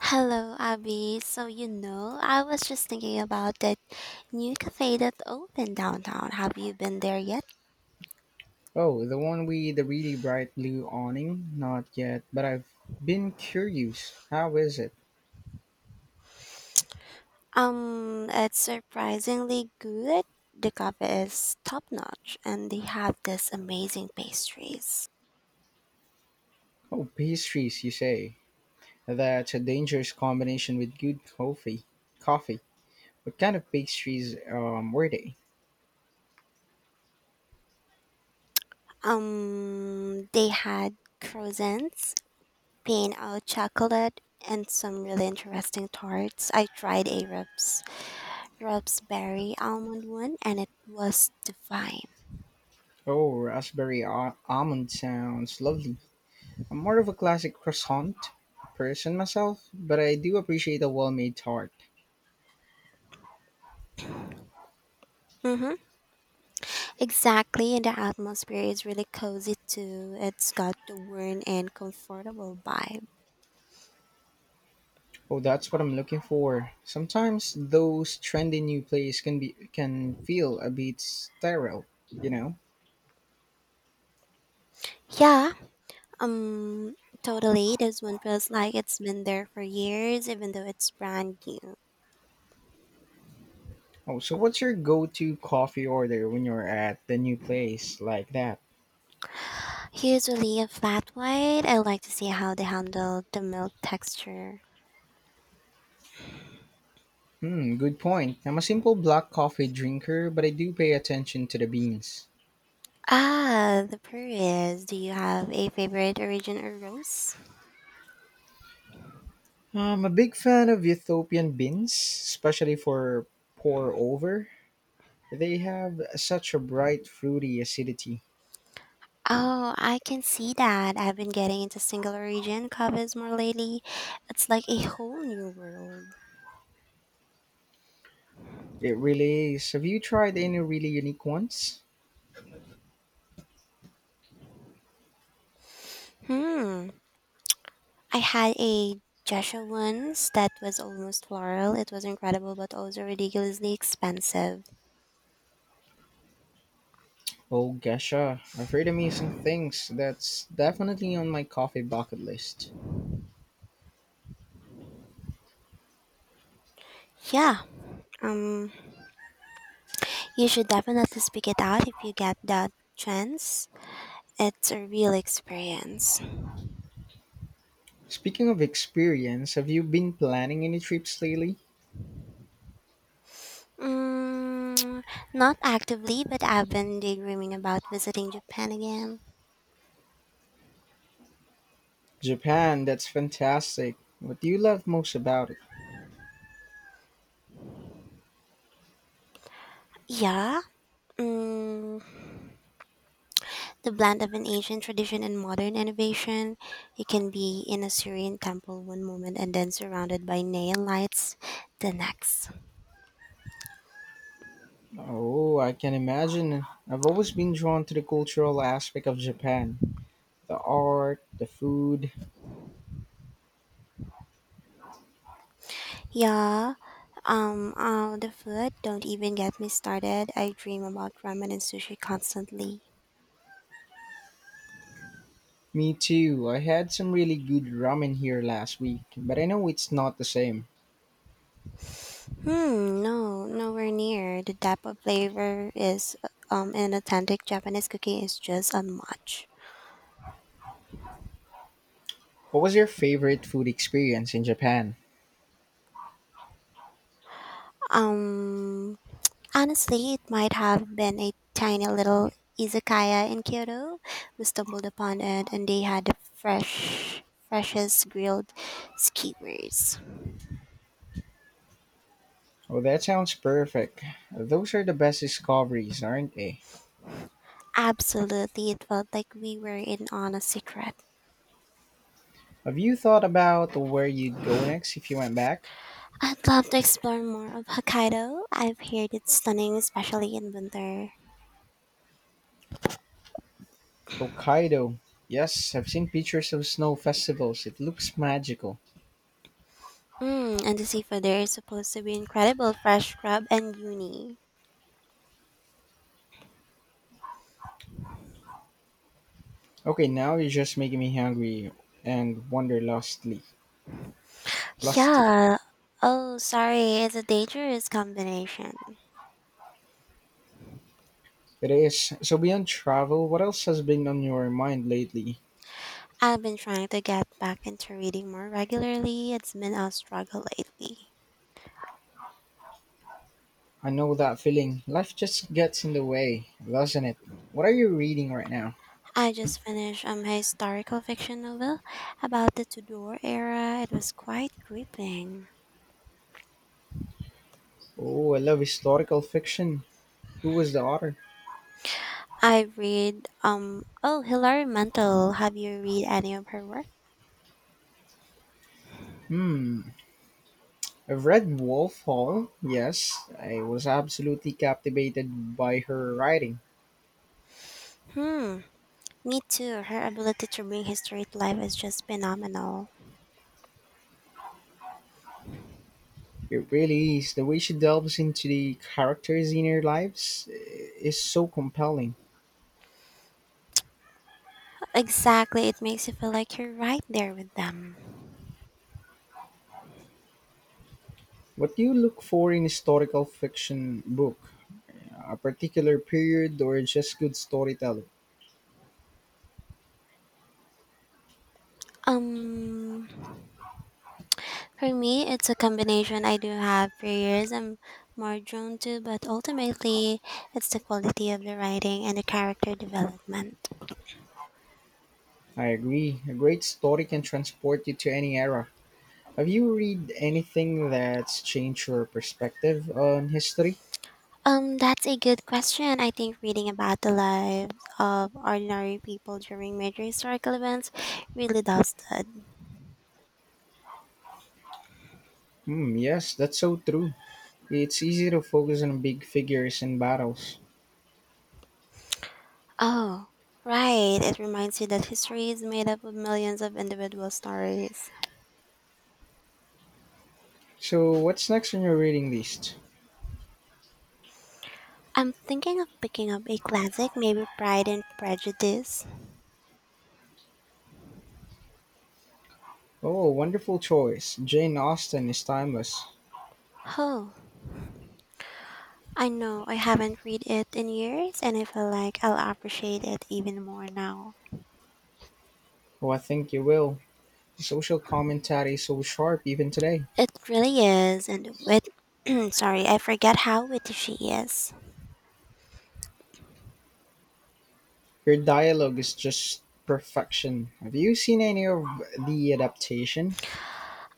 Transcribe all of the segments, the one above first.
Hello, Abby. So, you know, I was just thinking about that new cafe that opened downtown. Have you been there yet? Oh, the one with the really bright blue awning? Not yet, but I've been curious. How is it? It's surprisingly good. The cafe is top notch and they have this amazing pastries. Oh, pastries, you say. That's a dangerous combination with good coffee. Coffee. What kind of pastries were they? They had croissants, pain au chocolate, and some really interesting tarts. I tried a Rups berry almond one and it was divine. Oh, raspberry almond sounds lovely. I'm more of a classic croissant person myself, but I do appreciate a well made tart. Mm-hmm. Exactly, and the atmosphere is really cozy too. It's got the warm and comfortable vibe. Oh, that's what I'm looking for. Sometimes those trendy new plays can feel a bit sterile, you know. Yeah, um, totally. This one feels like it's been there for years, even though it's brand new. Oh, so what's your go-to coffee order when you're at the new place like that? Usually a flat white. I like to see how they handle the milk texture. Hmm, good point. I'm a simple black coffee drinker, but I do pay attention to the beans. Ah, the Perez. Do you have a favorite origin or rose? I'm a big fan of Ethiopian beans, especially for pour over. They have such a bright fruity acidity. Oh, I can see that. I've been getting into single origin covers more lately. It's like a whole new world. It really is. Have you tried any really unique ones? Hmm. I had a geisha once that was almost floral. It was incredible, but also ridiculously expensive. Oh, Gesha, I've heard amazing things. That's definitely on my coffee bucket list. Yeah. Um. You should definitely speak it out if you get that chance. It's a real experience. Speaking of experience, have you been planning any trips lately? Mm, not actively, but I've been daydreaming about visiting Japan again. Japan, that's fantastic. What do you love most about it? Yeah. Mm, The blend of an ancient tradition and modern innovation. You can be in a Syrian temple one moment and then surrounded by neon lights the next. Oh, I can imagine. I've always been drawn to the cultural aspect of Japan. The art, the food. Yeah. The food, don't even get me started. I dream about ramen and sushi constantly. Me too. I had some really good ramen here last week, but I know it's not the same. Hmm, no, nowhere near. The depth of flavor is in authentic Japanese cooking is just unmatched. What was your favorite food experience in Japan? Um Honestly, it might have been a tiny little izakaya in Kyoto we stumbled upon it, and they had the freshest grilled skewers. Oh, that sounds perfect. Those are the best discoveries, aren't they? Absolutely, it felt like we were in on a secret. Have you thought about where you'd go next if you went back? I'd love to explore more of Hokkaido. I've heard it's stunning, especially in winter. Hokkaido. Yes, I've seen pictures of snow festivals. It looks magical. Mm, and the seafood there is supposed to be incredible fresh crab and uni. Okay, now you're just making me hungry and wonder lustly. Lusty. Yeah. Oh, sorry, it's a dangerous combination. It is. So beyond travel, what else has been on your mind lately? I've been trying to get back into reading more regularly. It's been a struggle lately. I know that feeling. Life just gets in the way, doesn't it? What are you reading right now? I just finished a historical fiction novel about the Tudor era. It was quite gripping. Oh, I love historical fiction. Who was the author? I read Hilary Mantel. Have you read any of her work? Hmm, I've read Wolf Hall, yes. I was absolutely captivated by her writing. Hmm, me too. Her ability to bring history to life is just phenomenal. It really is. The way she delves into the characters' inner lives is so compelling. Exactly, it makes you feel like you're right there with them. What do you look for in historical fiction book? A particular period or just good storytelling? Um, For me, it's a combination. I do have periods I'm more drawn to, but ultimately, it's the quality of the writing and the character development. I agree. A great story can transport you to any era. Have you read anything that's changed your perspective on history? That's a good question. I think reading about the lives of ordinary people during major historical events really does that. Hmm, yes, that's so true. It's easy to focus on big figures and battles. Oh, right. It reminds you that history is made up of millions of individual stories. So, what's next on your reading list? I'm thinking of picking up a classic, maybe Pride and Prejudice. Oh, wonderful choice. Jane Austen is timeless. Oh, I know I haven't read it in years, and I feel like I'll appreciate it even more now. Oh, I think you will. The social commentary is so sharp even today. It really is, and with sorry, I forget how witty she is. Your dialogue is just perfection. Have you seen any of the adaptation?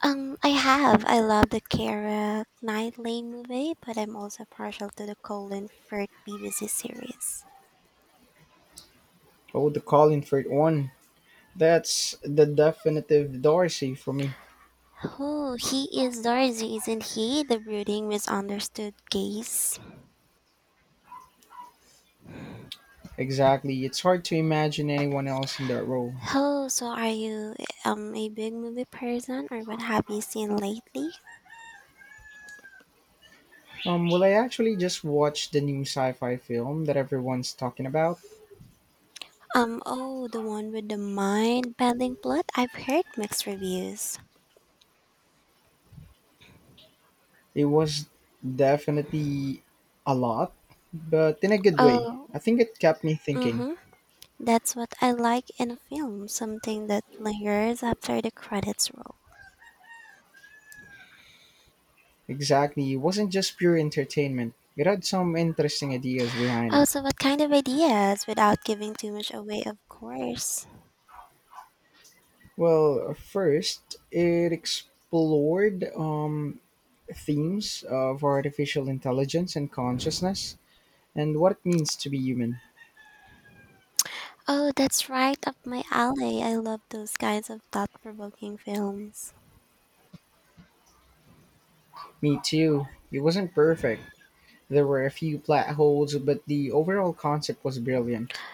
I have. I love the Kara Knightley movie, but I'm also partial to the Colin Firth BBC series. Oh, the Colin Firth one. That's the definitive Darcy for me. Oh, he is Darcy, isn't he? The brooding, misunderstood gaze. Exactly. It's hard to imagine anyone else in that role. Oh, so are you a big movie person, or what have you seen lately? Well, I actually just watched the new sci-fi film that everyone's talking about. Oh, the one with the mind bending plot. I've heard mixed reviews. It was definitely a lot, but in a good way. Oh, I think it kept me thinking. mm-hmm. That's what I like in a film, something that lingers after the credits roll. Exactly, it wasn't just pure entertainment. It had some interesting ideas behind Oh, it. so what kind of ideas without giving too much away, of course. Well, first, it explored themes of artificial intelligence and consciousness and what it means to be human. Oh, that's right up my alley. I love those kinds of thought-provoking films. Me too. It wasn't perfect. There were a few plot holes, but the overall concept was brilliant.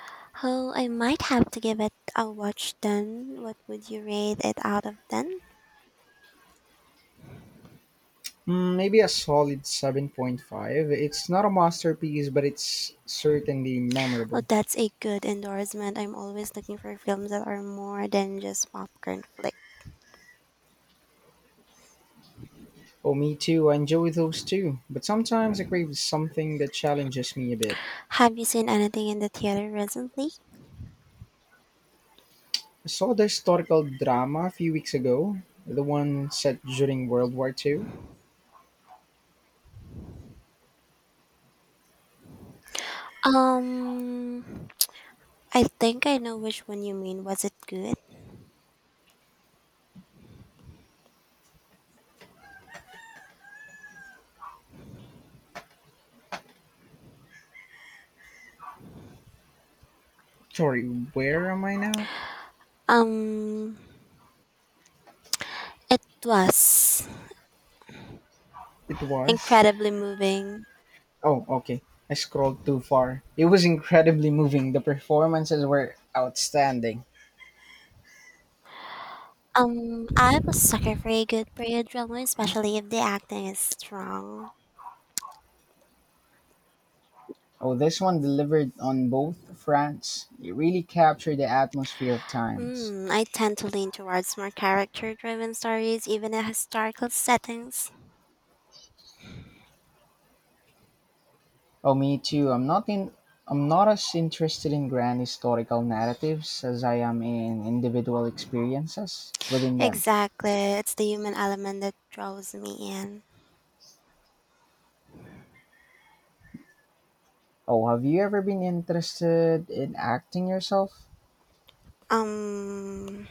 Oh, I might have to give it a watch then. What would you rate it out of 10? Mm, maybe a solid 7.5. It's not a masterpiece, but it's certainly Oh, memorable. that's a good endorsement. I'm always looking for films that are more than just popcorn flick. Oh, me too. I enjoy those too. But sometimes I crave something that challenges me a bit. Have you seen anything in the theater recently? I saw the historical drama a few weeks ago, the one set during World War II. Um, I think I know which one you mean. Was it good? Sorry, where am I now? Um, it was It was. incredibly moving. Oh, okay. I scrolled too far. It was incredibly moving. The performances were outstanding. I was sucker for a good period drama, especially if the acting is strong. Oh, this one delivered on both fronts. It really captured the atmosphere of times. Mm, I tend to lean towards more character-driven stories, even in historical settings. Oh, me too. I'm not as interested in grand historical narratives as I am in individual experiences within them. Exactly. It's the human element that draws me in. Oh, have you ever been interested in acting yourself? Um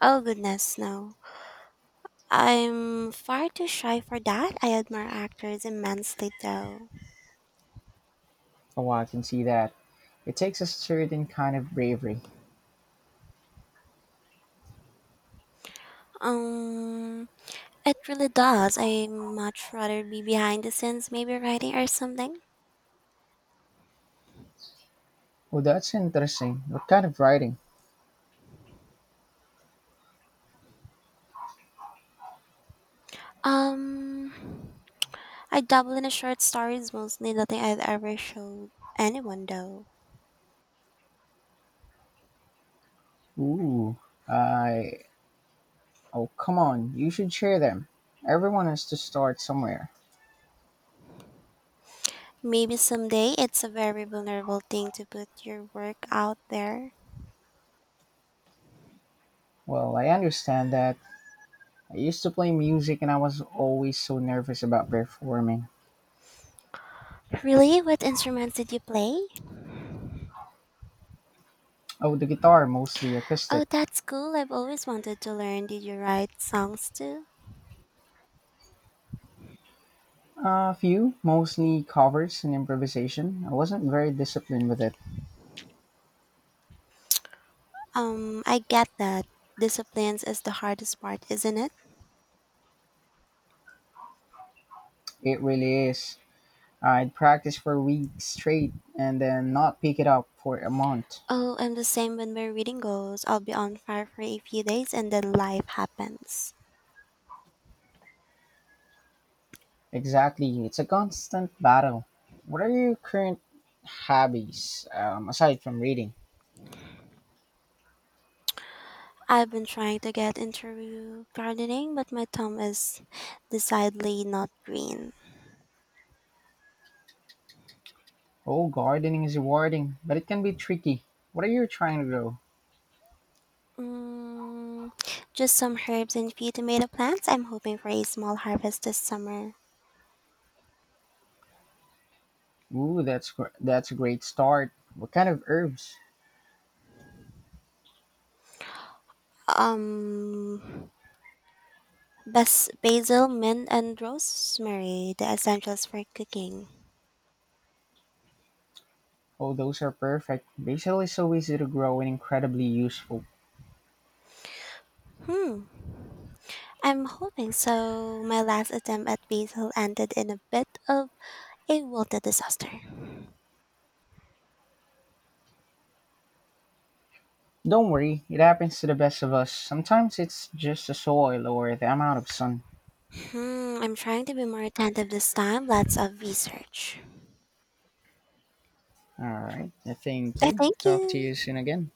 oh goodness no. I'm far too shy for that. I admire actors immensely though. Oh, I can see that. It takes a certain kind of bravery. Um it really does. I much rather be behind the scenes, maybe writing or something. Oh, that's interesting. What kind of writing? Um I dabble in short stories mostly nothing I've ever showed anyone though. Ooh, I. Oh, come on. You should share them. Everyone has to start somewhere. Maybe someday it's a very vulnerable thing to put your work out there. Well, I understand that. I used to play music and I was always so nervous about performing. Really? What instruments did you play? Oh, the guitar, mostly Oh, acoustic. that's cool. I've always wanted to learn. Did you write songs too? A few, mostly covers and improvisation. I wasn't very disciplined with it. I get that. Disciplines is the hardest part, isn't it? It really is. I'd practice for weeks straight and then not pick it up for a month. Oh, I'm the same when my reading goes. I'll be on fire for a few days and then life happens. Exactly. It's a constant battle. What are your current hobbies aside from reading? I've been trying to get into gardening, but my thumb is decidedly not green. Oh, gardening is rewarding, but it can be tricky. What are you trying to grow? Mm, just some herbs and few tomato plants. I'm hoping for a small harvest this summer. Ooh, that's a great start. What kind of herbs? Um, Basil, mint, and rosemary, the essentials for cooking. Oh, those are perfect. Basil is so easy to grow and incredibly useful. Hmm. I'm hoping so. My last attempt at basil ended in a bit of a wilted disaster. Don't worry, it happens to the best of us. Sometimes it's just the soil or the amount of sun. Hmm. I'm trying to be more attentive this time. Lots of research. All right, thank I you. thank Talk to you. you soon again.